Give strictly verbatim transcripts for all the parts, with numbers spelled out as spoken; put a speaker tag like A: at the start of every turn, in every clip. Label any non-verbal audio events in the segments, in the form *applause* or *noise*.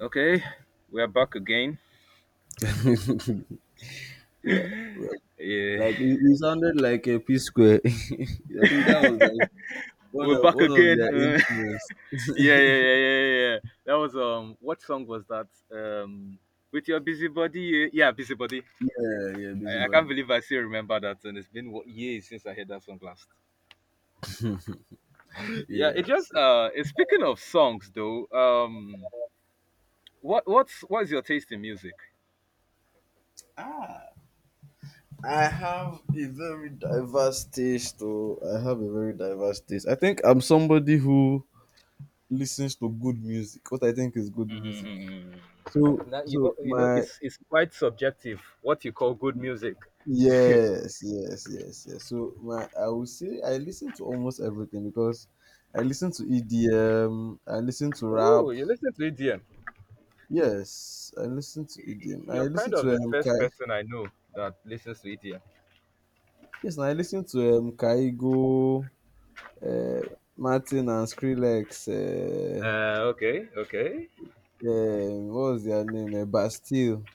A: Okay, we are back again.
B: *laughs* yeah, well,
A: Yeah,
B: like it, it sounded like a P Square. *laughs* I think that was like
A: *laughs*
B: one
A: we're
B: of
A: back
B: one of
A: again.
B: their
A: Uh,
B: intros.
A: *laughs* yeah, yeah,
B: *laughs*
A: yeah, yeah, yeah. That was um, what song was that? Um, with your busybody. uh, Yeah, busybody.
B: yeah, yeah,
A: I, I can't
B: busybody.
A: believe I still remember that, and it's been what years since I heard that song last. *laughs* Yeah,
B: Yes.
A: it just
B: Yes.
A: uh, it's- speaking of songs though. Um, what what's what is your taste in music?
B: Ah, I have a very diverse taste. Though I have a very diverse taste. I think I'm somebody who listens to good music. What I think is good music.
A: Mm.
B: So,
A: Now, you know,
B: so
A: you know,
B: my
A: it's it's quite subjective. What you call good music.
B: Yes, yes, yes, yes. So, my, I would say I listen to almost everything because I listen to E D M, I listen to rap.
A: Oh, you listen to E D M.
B: Yes, I listen to E D M. I
A: You're kind
B: listen
A: of
B: to
A: the
B: um,
A: first
B: Kai,
A: person I know that listens to it here.
B: yes, I listen to um, Kaigo, uh, Martin and Skrillex. Uh,
A: Uh, okay, okay.
B: um, what was their name? Uh, Bastille.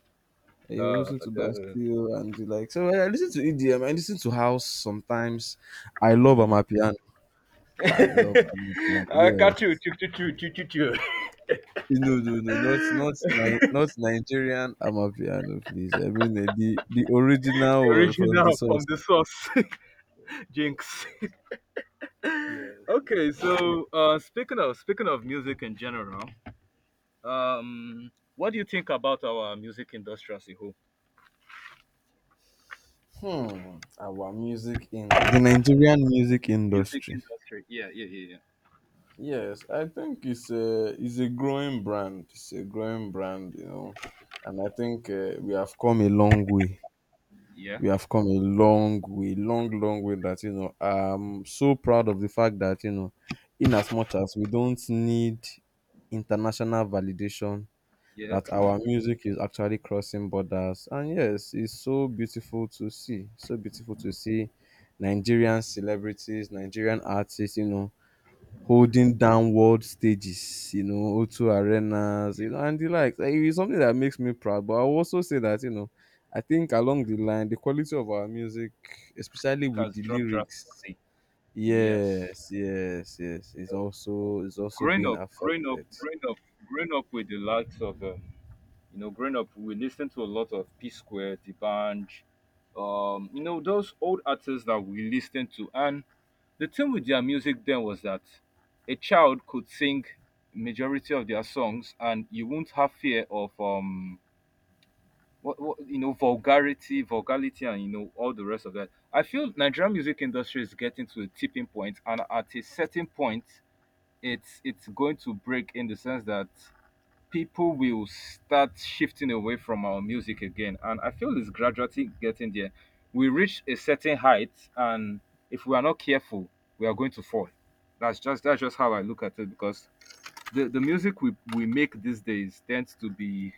B: I
A: Uh,
B: listen to
A: that doesn't—
B: Bastille and the like. So I listen to E D M. I listen to house sometimes. I love
A: Hmm.
B: Amapiano.
A: *laughs*
B: I love Amapiano.
A: uh, Kachu,
B: Yes.
A: chu, chu, chu, chu, chu, chu.
B: No, no, no, not not
A: *laughs*
B: Ni- not Nigerian Amapiano, please. I mean uh, the the original
A: The
B: one from the
A: original
B: source.
A: from the source, *laughs* Jinx. *laughs*
B: Yes,
A: okay,
B: I know.
A: so uh, speaking of speaking of music in general, um, what do you think about our music industry as a whole?
B: Hmm, our music in the Nigerian music
A: Music
B: industry.
A: industry, yeah, yeah, yeah,
B: Yes, I think it's a it's a growing brand. It's a growing brand, you know, and I think uh, we have come a long way.
A: yeah,
B: We have come a long way, long, long way that, you know, I'm so proud of the fact that, you know, in as much as we don't need international validation,
A: yeah, yeah,
B: that our
A: true.
B: music is actually crossing borders. And yes, it's so beautiful to see. So beautiful to see Nigerian celebrities, Nigerian artists, you know, holding downward stages, you know, zero arenas,
A: Yeah,
B: you know, and the likes. Eh, it's something that makes me proud. But I will also say that, you know, I think along the line, the quality of our music,
A: yeah,
B: especially
A: it
B: with
A: has
B: the
A: dropped
B: lyrics,
A: drastically. Yes.
B: yes, yes, yes, is also is also
A: growing
B: being
A: up, growing up,
B: affected.
A: growing up, growing up with the likes of, um, you know, growing up, we listened to a lot of P Square, Dibanj, um, you know, those old artists that we listened to. And the thing with their music then was that a child could sing majority of their songs, and you won't have fear of, um, what, what, you know, vulgarity, vulgarity, and you know all the rest of that. I feel Nigerian music industry is getting to a tipping point, and at a certain point, it's it's going to break in the sense that people will start shifting away from our music again, and I feel it's gradually getting there. We reach a certain height, and if we are not careful, we are going to fall. That's just that's just how I look at it, because the, the music we, we make these days tends to be—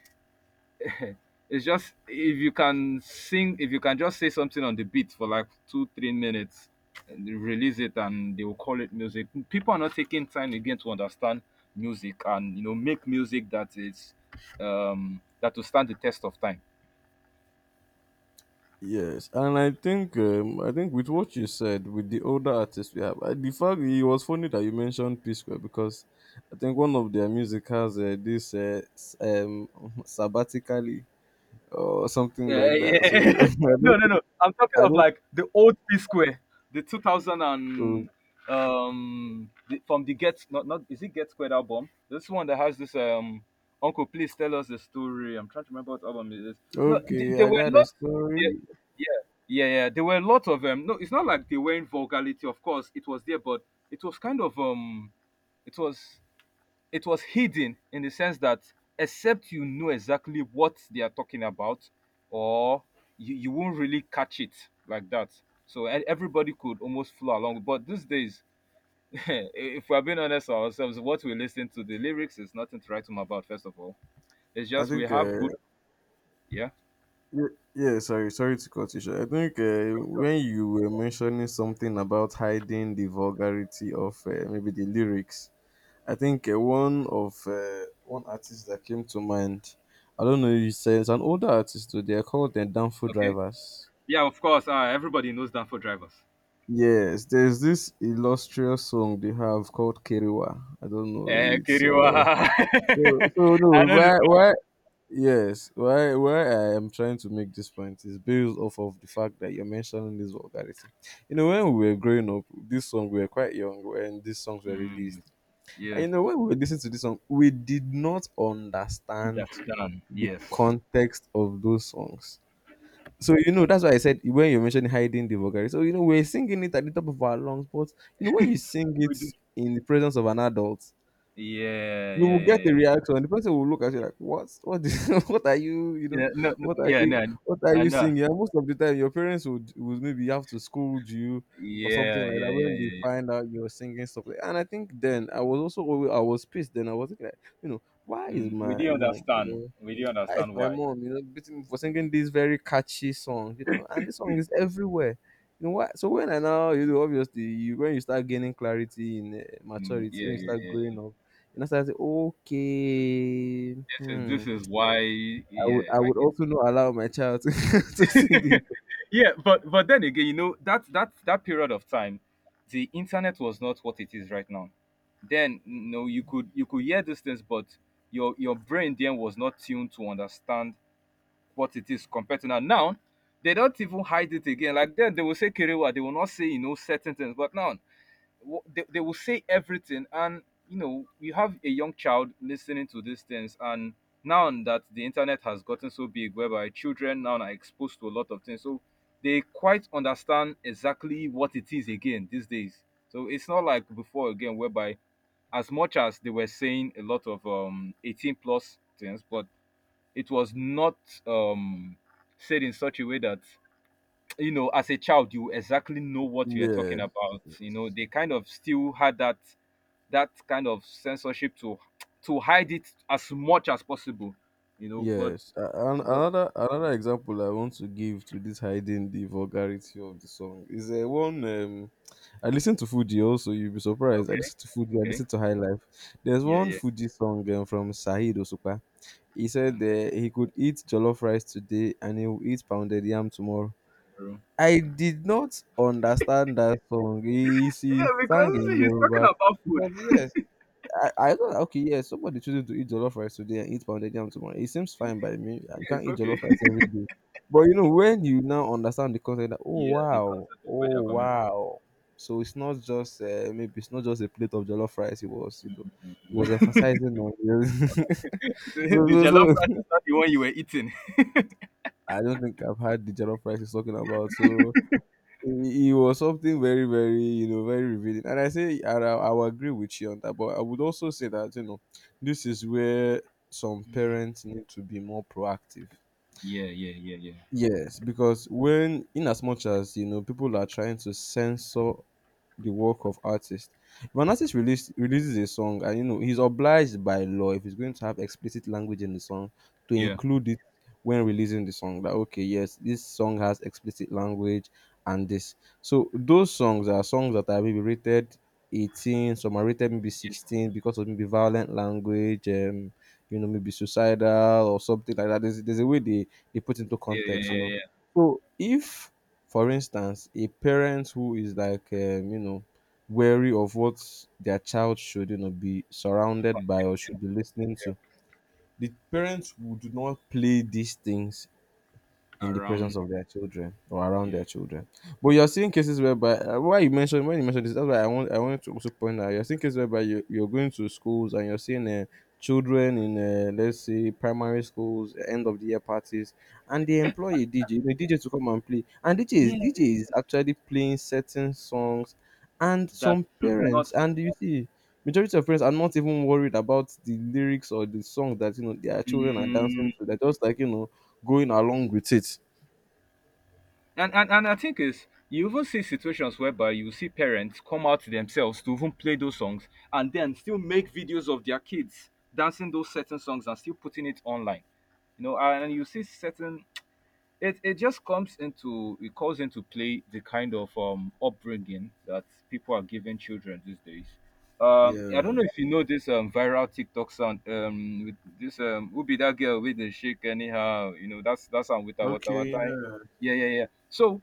A: it's just if you can sing, if you can just say something on the beat for like two, three minutes, and you release it, and they will call it music. People are not taking time again to understand music, and you know make music that is um that will stand the test of time.
B: Yes, and I think um, I think with what you said with the older artists we have, uh, the fact it was funny that you mentioned P Square because I think one of their music has uh, this uh, s- um *laughs* sabbatically or something
A: Yeah,
B: like that. So *laughs* I
A: yeah. *laughs* no,
B: don't,
A: no, no.
B: think-
A: I'm talking
B: I
A: of
B: don't.
A: like the old P Square, the two thousand and
B: Oh,
A: um the, from the Get not not is it Get Squared album? This one that has this um Uncle, please tell us the story. I'm trying to remember what album it is. No, th-
B: okay,
A: there
B: I
A: were
B: got
A: a
B: a
A: lot.
B: story.
A: Yeah, yeah, yeah, yeah. There were a lot of them. No, it's not like they were in vulgarity. Of course, it was there, but it was kind of um, it was it was hidden in the sense that, except you know exactly what they are talking about, or you, you won't really catch it like that, so e- everybody could almost flow along. But these days, *laughs* if we're being honest ourselves, what we listen to, the lyrics, is nothing to write home about. First of all, it's
B: I
A: just we
B: think.
A: have
B: Uh,
A: good, yeah.
B: y- yeah, sorry, sorry to cut you short. I think uh, when you were mentioning something about hiding the vulgarity of uh, maybe the lyrics, I think uh, one of uh, one artist that came to mind. I don't know. You said it's an older artist. Though. They are called the Danfo
A: Okay,
B: Drivers.
A: yeah, of course. Uh, everybody knows Danfo Drivers.
B: Yes, there's this illustrious song they have called Keriwa. I don't know.
A: Eh,
B: It's
A: Kiriwa.
B: uh,
A: *laughs*
B: So, so
A: I
B: no,
A: know this
B: why,
A: song.
B: why, yes, why, why I am trying to make this point is based off of the fact that you're mentioning this vulgarity. You know, when we were growing up, this song, we were quite young when these songs were
A: Mm,
B: released, and
A: yeah,
B: you know when we were listening to this song, we did not understand
A: that's done,
B: the
A: yes.
B: context of those songs. So you know that's why I said when you mentioned hiding the vulgarity. So you know we're singing it at the top of our lungs, but you know when you sing it in the presence of an adult,
A: Yeah,
B: you
A: yeah,
B: will get
A: yeah,
B: a
A: yeah.
B: reaction. The person will look at you like, "What? What? Is, *laughs* what are you? You know,
A: Yeah, no, n-
B: what are
A: yeah,
B: you?
A: no,
B: What are
A: I
B: you
A: know.
B: singing?" And most of the time, your parents would would maybe have to scold you or something
A: Yeah,
B: like
A: yeah,
B: that
A: yeah,
B: when they
A: yeah, yeah.
B: find out you're singing stuff. Like, and I think then I was also alwa- I was pissed. Then I was thinking, like, you know, why is
A: Mm, we
B: my
A: do
B: mom?
A: understand. We do
B: Why is
A: understand
B: my
A: why.
B: mom, you know, beating me for singing this very catchy song, you know, and this song is everywhere. You know what? So when I now, you know, obviously, you, when you start gaining clarity in uh,
A: Mm,
B: maturity,
A: yeah,
B: when you
A: yeah,
B: start
A: yeah.
B: growing up, you know, start to say, okay,
A: This is
B: hmm,
A: this is why.
B: I would,
A: Yeah,
B: I
A: I
B: would
A: get.
B: also not allow my child to, *laughs* to sing this.
A: Yeah, but but then again, you know that that that period of time, the internet was not what it is right now. Then no, you could you could hear these things, but your your brain then was not tuned to understand what it is compared to now. Now, they don't even hide it again. Like then, they will say Kerewa. They will not say, you know certain things. But now, they, they will say everything. And you know, you have a young child listening to these things. And now that the internet has gotten so big, whereby children now are exposed to a lot of things, so they quite understand exactly what it is again these days. So it's not like before again, whereby as much as they were saying a lot of um eighteen plus things, but it was not um, said in such a way that, you know as a child, you exactly know what you are talking
B: Yes,
A: about. you know they kind of still had that that kind of censorship to to hide it as much as possible, you know but
B: yes. A- And
A: but
B: another another example I want to give to this hiding the vulgarity of the song is a one um, I listen to Fuji also. You'll be surprised. I
A: okay,
B: listen to Fuji. I
A: okay,
B: listen to High Life. There's
A: yeah,
B: one
A: yeah,
B: Fuji song um, from Sahid Osupa. He said uh,
A: okay.
B: he could eat jollof rice today and he will eat pounded yam tomorrow.
A: Bro.
B: I did not understand that song. He,
A: Yeah,
B: he sang
A: because
B: in
A: he's talking
B: Yoruba
A: about food.
B: because yes, I, I do okay, yeah, somebody chooses to eat jollof rice today and eat pounded yam tomorrow. It seems fine by me. uh,
A: Yeah,
B: You can't
A: it's
B: eat
A: okay.
B: jollof rice
A: *laughs*
B: every day. But you know, when you now understand the concept that oh
A: Yeah, the
B: wow,
A: concept of where
B: oh
A: they're coming from.
B: wow. So it's not just uh, maybe it's not just a plate of jollof rice. It was you know, it was emphasizing on *laughs*
A: *laughs* the
B: so
A: the
B: so
A: jollof rice
B: so.
A: is not the one you were eating.
B: I don't think I've had the jollof rice he's talking about. So it, was something very, very, you know, very revealing. And I say, I, I I will agree with you on that, but I would also say that, you know, this is where some parents need to be more proactive.
A: Yeah, yeah, yeah, yeah,
B: Yes, because when, in as much as, you know, people are trying to censor the work of artist. If an artist release, releases a song, and you know he's obliged by law if he's going to have explicit language in the song to
A: yeah,
B: include it when releasing the song. That okay, yes, this song has explicit language and this. So those songs are songs that are maybe rated eighteen, some are rated maybe
A: yeah,
B: sixteen because of maybe violent language, um, you know, maybe suicidal or something like that. There's, there's a way they, they put into
A: yeah,
B: context, you know.
A: yeah, yeah,
B: So if for instance a parent who is like um you know wary of what their child should you know be
A: yeah.
B: surrounded by or should be listening to the parents would not play these things in the
A: Around.
B: presence of their children or around
A: Yeah.
B: their children. But you're seeing cases whereby uh, why you mentioned when you mentioned this, that's why I want I wanted to also point out, you're seeing cases whereby you, you're going to schools and you're seeing uh, children in uh, let's say primary schools uh, end of the year parties and they employ a D J, you D J to come and play, and D J is D J
A: Yes,
B: is actually playing certain songs, and
A: that
B: some
A: should
B: parents
A: not.
B: and you see majority of parents are not even worried about the lyrics or the song that you know their children are
A: Mm.
B: dancing to. They're just like you know going along with it.
A: And, and and I think is you even see situations whereby you see parents come out themselves to even play those songs, and then still make videos of their kids dancing those certain songs and still putting it online. You know, and you see certain— it it just comes into it calls into play the kind of um upbringing that people are giving children these days. Um, I don't
B: Yeah.
A: know if you know this um viral TikTok sound, um with this um who be that girl with the shake anyhow, you know that's that's sound with our water
B: Okay.
A: water.
B: Yeah.
A: Yeah, yeah, yeah. So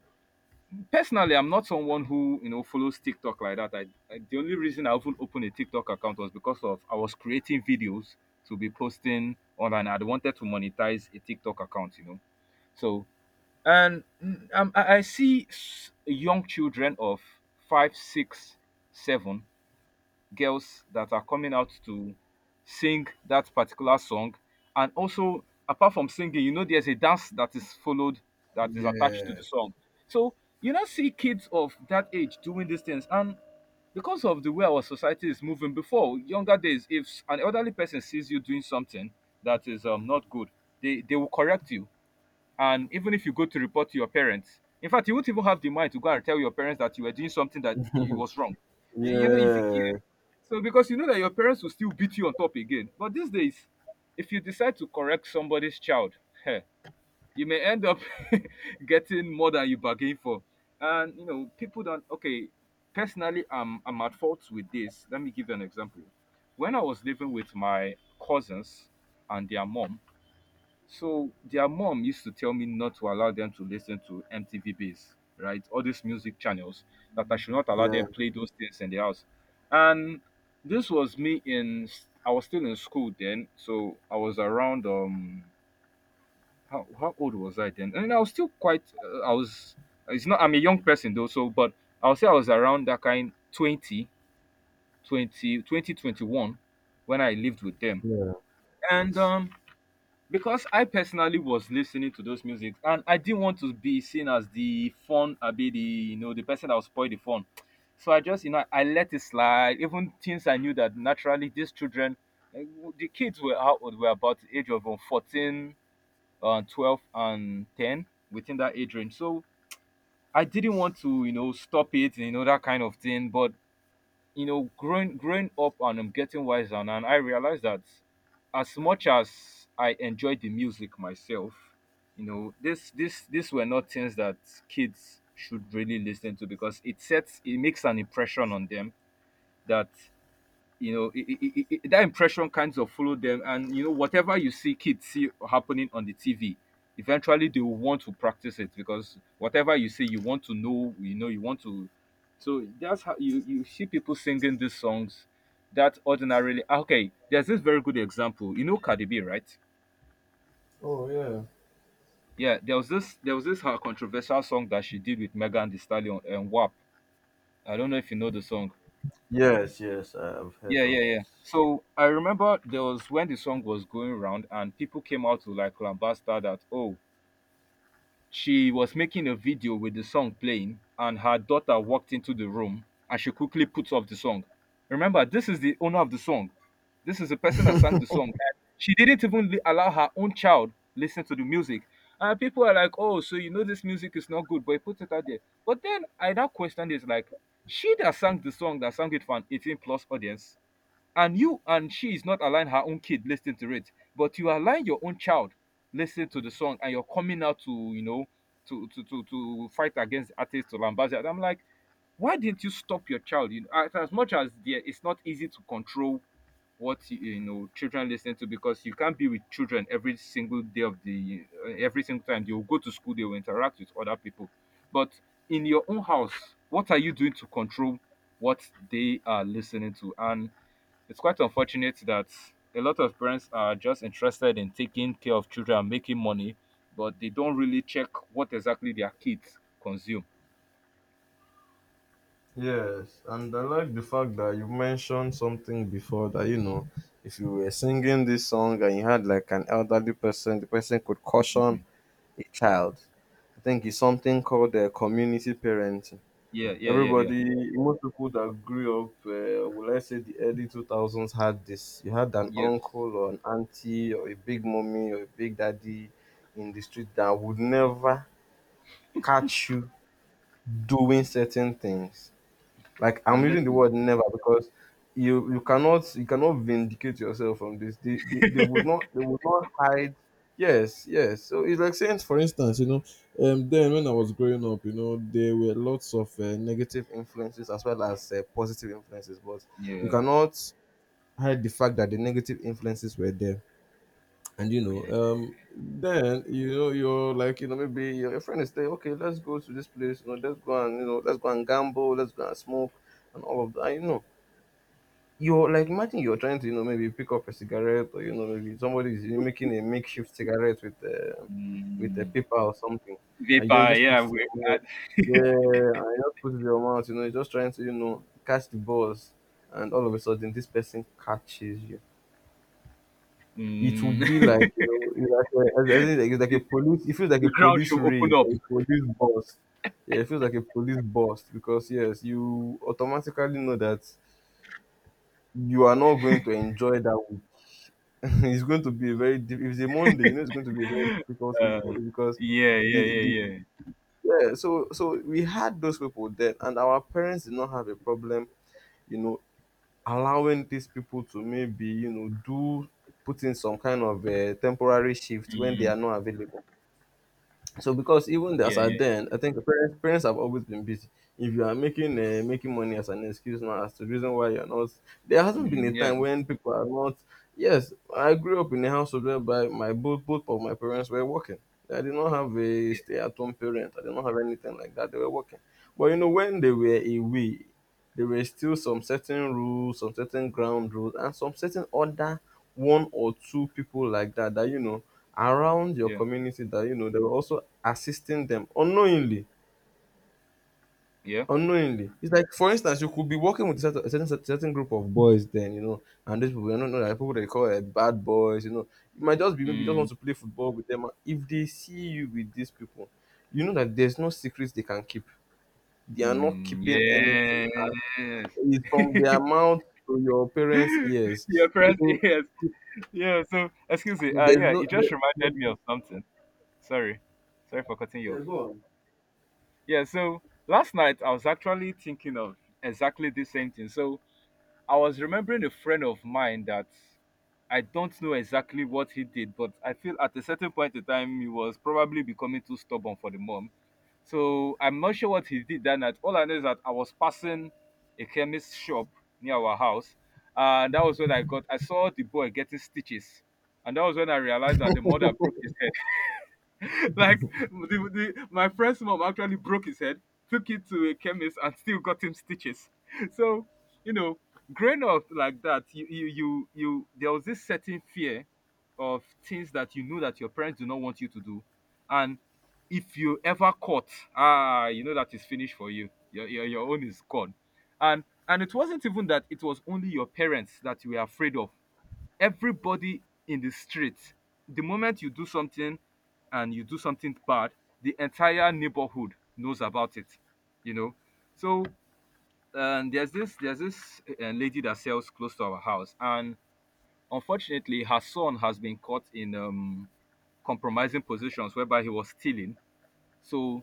A: personally, I'm not someone who you know follows TikTok like that. I, I the only reason I even opened a TikTok account was because of I was creating videos to be posting online. I wanted to monetize a TikTok account, you know. So and mm, um, I I see s- young children of five, six, seven girls that are coming out to sing that particular song. And also, apart from singing, you know, there's a dance that is followed that is attached to the
B: Yeah.
A: song. So you now see kids of that age doing these things. And because of the way our society is moving, before younger days, if an elderly person sees you doing something that is um, not good, they, they will correct you. And even if you go to report to your parents, in fact, you won't even have the mind to go and tell your parents that you were doing something that it was wrong. You, you know if you, yeah.
B: Yeah,
A: So because you know that your parents will still beat you on top again. But these days, if you decide to correct somebody's child, heh, you may end up *laughs* getting more than you bargained for. And you know people don't— okay. Personally, i'm i'm at fault with this. Let me give you an example. When I was living with my cousins and their mom, so their mom used to tell me not to allow them to listen to M T V Base, right? All these music channels that I should not allow
B: yeah,
A: them play those things in the house. And this was me in— I was still in school then, so I was around um how, how old was I then? And I was still quite uh, I was— it's not— I'm a young person though, so but I'll say I was around that kind Twenty, twenty, twenty, twenty-one, when I lived with them.
B: yeah.
A: And um because I personally was listening to those music, and I didn't want to be seen as the fun, I be the you know the person that will spoil the fun. So I just you know I let it slide. Even things I knew that naturally these children, eh, w- the kids were out, were about the age of uh, fourteen, uh, twelve, and ten within that age range. So I didn't want to you know stop it, you know that kind of thing. But you know, growing growing up and I'm getting wiser, and I realized that as much as I enjoyed the music myself, you know, this this these were not things that kids should really listen to, because it sets— it makes an impression on them that you know it, it, it, it- that impression kinds of follow them. And you know whatever you see kids see happening on the T V eventually they will want to practice it, because whatever you see you want to know, you know you want to— so that's how you— you see people singing these songs that ordinarily— ah, okay, there's this very good example, you know cardi b, right?
B: Oh, yeah.
A: Yeah, there was this— there was this, her controversial song that she did with megan the stallion and wap. I don't know if you know the song.
B: Yes, yes, I have heard
A: Yeah, yeah,
B: of it.
A: yeah. So I remember there was when the song was going around and people came out to like lambast that, oh, she was making a video with the song playing and her daughter walked into the room and she quickly put off the song. Remember, this is the owner of the song. This is the person that sang the song. And she didn't even li- allow her own child listen to the music. And people are like, oh, so you know this music is not good, but you put it out there. But then I now question is like, she that sang the song that sang it for an eighteen plus audience and you and she is not allowing her own kid listening to it, but you are allowing your own child listen to the song, and you're coming out to you know to to to, to fight against artists, to lambast, and I'm like, why didn't you stop your child? you know, as, as much as there it's not easy to control what you, you know children listen to, because you can't be with children every single day of the uh, every single time. They will go to school, they will interact with other people, but in your own house, what are you doing to control what they are listening to? And it's quite unfortunate that a lot of parents are just interested in taking care of children and making money, but they don't really check what exactly their kids consume.
B: Yes, and I like the fact that you mentioned something before that, you know, if you were singing this song and you had like an elderly person, the person could caution a child. I think it's something called uh, community parenting.
A: Yeah, yeah, yeah, yeah.
B: Everybody, most people that grew up, uh, well, let's say the early two thousands, had this. You had an
A: Yes.
B: uncle or an auntie or a big mommy or a big daddy in the street that would never catch you doing certain things. Like I'm
A: And
B: using
A: let
B: the
A: me,
B: word never because you you cannot you cannot vindicate yourself from this. They they, they would not they would not hide. Yes, yes. So it's like saying, for instance, you know, um, then when I was growing up, you know, there were lots of uh, negative influences as well as uh, positive influences, but you
A: yeah,
B: cannot hide the fact that the negative influences were there and you know
A: yeah.
B: um then you know you're like you know maybe your, your friend is there okay let's go to this place you know let's go and you know let's go and gamble let's go and smoke and all of that you know you're like imagine you're trying to you know maybe pick up a cigarette or you know maybe somebody is making a makeshift cigarette with uh, with a
A: Mm,
B: paper or something and you don't
A: vapor,
B: just put
A: yeah.
B: it in
A: We,
B: your mouth yeah and you just put it in your mouth you know you're just trying to you know catch the balls and all of a sudden this person catches you it will
A: mm,
B: be like you know it's like a, I think like, it's like a police, it feels
A: *laughs*
B: like
A: the
B: a
A: ground
B: police
A: should open
B: raid
A: up.
B: or a police bust yeah it feels like a police bust because yes you automatically know that you are not going to enjoy that week *laughs* it's going to be a very diff- if it's a Monday you know it's going to be a very difficult week for
A: Uh,
B: you because
A: yeah, yeah,
B: the the
A: yeah, yeah.
B: yeah so so we had those people then and our parents did not have a problem you know allowing these people to maybe you know do put in some kind of a temporary shift when they
A: Mm,
B: are not available. So because even as
A: yeah,
B: at
A: yeah.
B: then, I think parents parents have always been busy. If you are making uh, making money as an excuse now as to the reason why you're not, there hasn't been a
A: Mm, yeah,
B: time when people are not. Yes, I grew up in a household whereby my both both of my parents were working. I did not have a
A: yeah,
B: stay at home parent. I did not have anything like that. They were working, but you know when they were away, there were still some certain rules, some certain ground rules, and some certain other one or two people like that that you know around your
A: yeah,
B: community that you know they were also assisting them unknowingly.
A: yeah.
B: Unknowingly, it's like for instance you could be working with a certain, a certain, certain group of boys then, you know, and these people, you don't know that people they call it bad boys, you know, you might just be maybe you just
A: Mm,
B: want to play football with them. If they see you with these people, you know that there's no secrets they can keep, they are not
A: mm,
B: keeping anything.
A: yes.
B: It's from their mouth to your parents
A: *laughs*
B: ears.
A: Your friends, yes. Yeah, so excuse me.
B: So
A: Uh
B: there's
A: yeah,
B: no
A: it just
B: there, there,
A: reminded me of something. Sorry. Sorry for cutting you
B: yeah,
A: off.
B: go on.
A: Yeah, so last night I was actually thinking of exactly the same thing. So I was remembering a friend of mine that I don't know exactly what he did, but I feel at a certain point in time he was probably becoming too stubborn for the mom. So I'm not sure what he did that night. All I know is that I was passing a chemist shop near our house, and that was when I got I saw the boy getting stitches, and that was when I realized that the mother broke his head. *laughs* Like the, the, my friend's mom actually broke his head, took it to a chemist, and still got him stitches. *laughs* So you know, growing up like that, you you you, you there was this certain fear of things that you know that your parents do not want you to do, and if you ever caught, ah, you know that is finished for you. Your, your, your own is gone. And and it wasn't even that it was only your parents that you were afraid of. Everybody in the street, the moment you do something, and you do something bad, the entire neighborhood knows about it, you know. So um, there's this there's this uh, lady that sells close to our house, and unfortunately her son has been caught in um compromising positions whereby he was stealing. So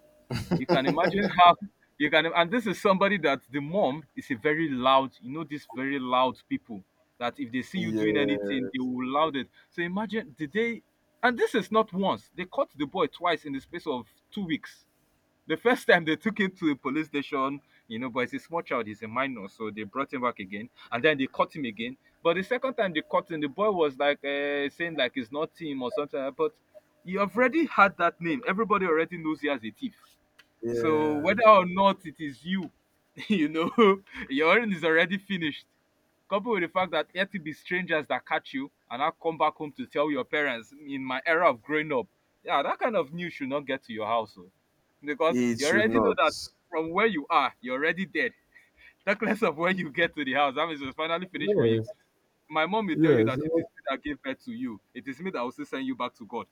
A: you can imagine how you can and this is somebody that the mom is a very loud, you know, these very loud people that if they see you doing
B: Yeah.
A: anything, they will loud it. So imagine did they and this is not once, they caught the boy twice in the space of two weeks. The first time they took him to a police station, you know, but he's a small child, he's a minor, so they brought him back again, and then they caught him again. But the second time they caught him, the boy was like, uh, saying like it's not him or something like that. But you already had that name. Everybody already knows he as a thief. So whether
B: Yes,
A: or not it is you, *laughs* you know, *laughs* your own is already finished. Coupled with the fact that let it be strangers that catch you and now come back home to tell your parents, in my era of growing up, yeah, that kind of news should not get to your house. Oh. Because
B: it
A: you
B: should
A: already know
B: not.
A: that from where you are, you're already dead. Talk less of when you get to the house. That means it's finally finished for you.
B: Yes.
A: My mom will tell you
B: Yes.
A: that, it is me that gave birth to you, it is me that will still send you back to God.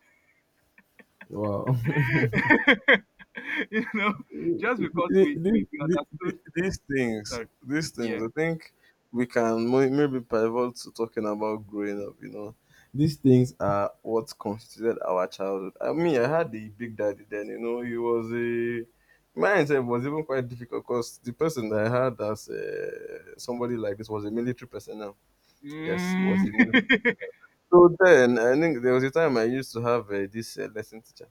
B: Wow. *laughs*
A: *laughs* You know, just because
B: Th-
A: we,
B: th-
A: we, we
B: th-
A: understood.
B: th- these things,
A: Sorry.
B: these
A: Yeah.
B: things, I think we can mo- maybe pivot to talking about growing up. You know, these things are what constituted our childhood. I mean, I had the big daddy then. You know, he was a mine himself was even quite difficult because the person that I had as uh, somebody like this was a military personnel. Yes, he
A: Mm.
B: was a
A: *laughs*
B: military. So then, I think there was a time I used to have uh, this uh, lesson teacher,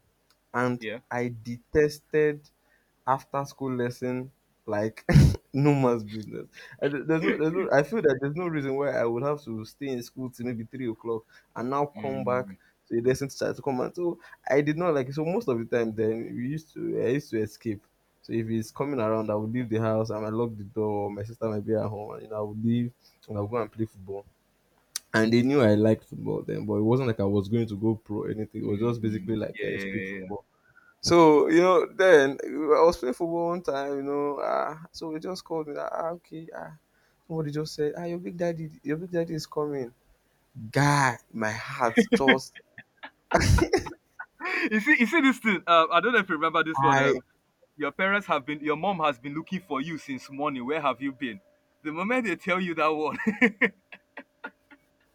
B: and
A: Yeah.
B: I detested after school lesson like *laughs* no man's business. I, d- there's no, there's no, I feel that there's no reason why I would have to stay in school till maybe three o'clock and now come back
A: Mm,
B: to a lesson to start to come. And so I did not like it. So most of the time then we used to I used to escape. So if he's coming around, I would leave the house. I might lock the door. My sister might be at home, and you know, I would leave and I would go and play football. And they knew I liked football then, but it wasn't like I was going to go pro or anything. It was
A: mm,
B: just
A: mm,
B: basically
A: mm.
B: like
A: Yeah,
B: a
A: yeah,
B: street
A: yeah, yeah.
B: football. So, you know, then I was playing football one time, you know, ah, so they just called me that, ah, okay, ah, somebody just said, ah, your big daddy, your big daddy is coming. Guy, my heart just,
A: *laughs* You see, you see this thing. Uh, I don't know if you remember this one.
B: I,
A: Um, your parents have been — your mom has been looking for you since morning. Where have you been? The moment they tell you that one,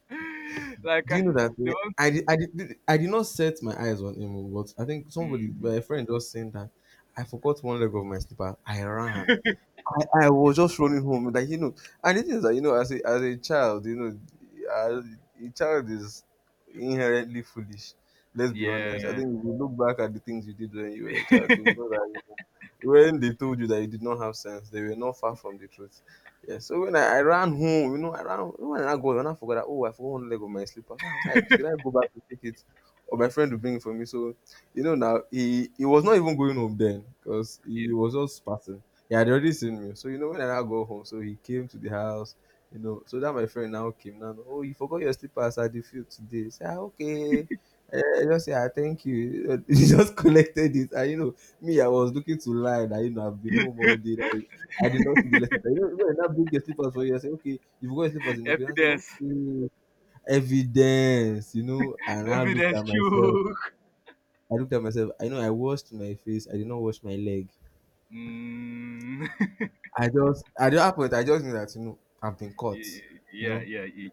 A: *laughs* like,
B: do
A: uh,
B: you know that
A: the
B: eh,
A: mom,
B: I did, I did, I did not set my eyes on him, but I think somebody,
A: mm,
B: my friend, just saying that I forgot one leg of my slipper. I ran. I, I was just running home, like you know. And the thing is that you know, as a as a child, you know, as a child is inherently foolish. Let's be honest. I
A: yeah,
B: think if you look back at the things you did when you were a child, you will know that you know, when they told you that you did not have sense, they were not far from the truth. Yeah. So when I, I ran home, you know, I ran when I go, when I forgot that oh, I forgot one leg of my slippers. I was like, should I go back to pick it? Or my friend will bring it for me. So you know now he he was not even going home then because
A: yeah,
B: he was just passing. He had already seen me. So, you know, when I now go home, so he came to the house, you know. So that my friend now came now. Oh, you forgot your slippers at the field today. Say, ah, okay. Eh, just say, ah, thank you. *laughs* He just collected it. And, you know, me, I was looking to lie that, you know, I've been
A: *laughs*
B: home all day. That I, I did not see the lesson. You know, when I now bring your slippers for you, I say, okay, you forgot your slippers in the field. I say,
A: evidence,
B: okay, evidence, you know. And I looked
A: evidence,
B: at myself.
A: chook.
B: I looked at myself. I know I washed my face. I did not wash my leg.
A: Mm,
B: I just at that point I just knew that you know I've been
A: *laughs* yeah,
B: caught. You
A: yeah,
B: know,
A: yeah, yeah,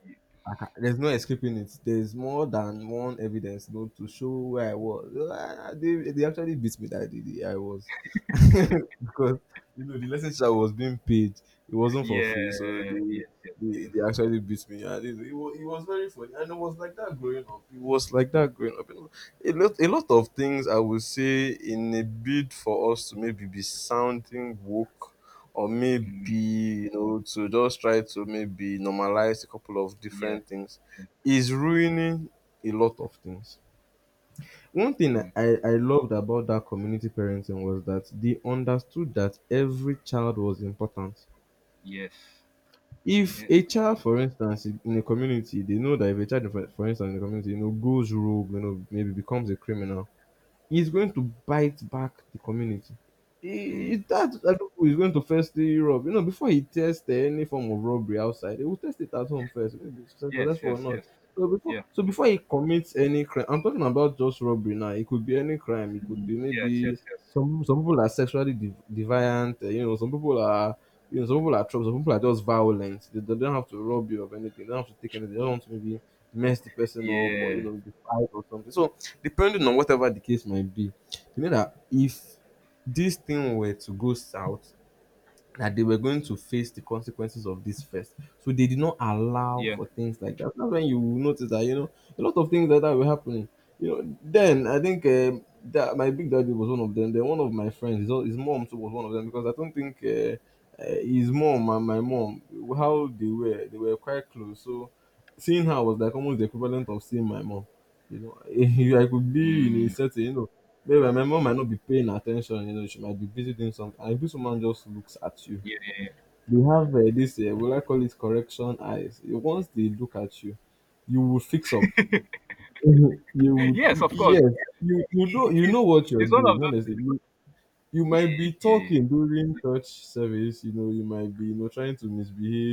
B: I ca- there's no escaping it. There's more than one evidence, you know, to show where I was. Ah, They, they actually beat me that day. They- I was *laughs* because you know the lesson I was being paid. It wasn't for
A: yeah,
B: free, so
A: yeah,
B: they
A: yes, yes,
B: they,
A: yes.
B: they actually beat me. And it, it, was, it was very funny, and it was like that growing up. It was like that growing up. You know, a lot a lot of things I would say in a bid for us to maybe be sounding woke or maybe
A: Mm,
B: you know to just try to maybe normalize a couple of
A: yeah,
B: different things is ruining a lot of things. One thing
A: mm,
B: i i loved about that community parenting was that they understood that every child was important.
A: yes,
B: If
A: yeah,
B: a
A: it-
B: child for instance in in a community they know that if a child for for instance in a community, you know, goes rogue, you know, maybe becomes a criminal, he's going to bite back the community. He,
A: mm,
B: he- that Adoku is going to firstly rob. You know, before he tests any form of robbery outside, he will test it at home first, maybe it's
A: yes,
B: successful or
A: yes,
B: not.
A: yes,
B: So before,
A: yeah,
B: so before he commits any crime, I'm talking about just robbery now. It could be any crime. It could be
A: yes, yes,
B: maybe
A: yes,
B: some some people are sexually de- deviant. Uh, you know, some people are you know some people are trouble. Some people are just violent. They, they don't have to rob you of anything. They don't have to take anything. They don't want to maybe mess the person up or you
A: yeah.
B: know be fight or something. So depending on whatever the case might be, you know that if this thing were to go south, that they were going to face the consequences of this first. So they did not allow
A: Yeah.
B: for things like that. That's when you will notice that you know a lot of things like that were happening. You know, then I think um that my big daddy was one of them. Then one of my friends, his, his mom too was one of them because I don't think uh, uh, his mom and my mom how they were they were quite close. So seeing her was like almost the equivalent of seeing my mom. You know, *laughs* I could be in a
A: Mm,
B: certain you know maybe my mom might not be paying attention, you know, she might be busy doing something. And this woman just looks at you.
A: yeah,
B: They have uh, this, uh, will I call it correction eyes? Eh, once they look at you, you will fix up. Mhm. You
A: yeah.
B: would,
A: Yes,
B: y-
A: of course.
B: yes, you you know
A: It
B: you
A: it is.
B: know what you're
A: It's one
B: doing.
A: of those.
B: Honestly, you, you might
A: Yeah,
B: be talking
A: yeah,
B: during church service. You know, you might be you know trying to misbehave.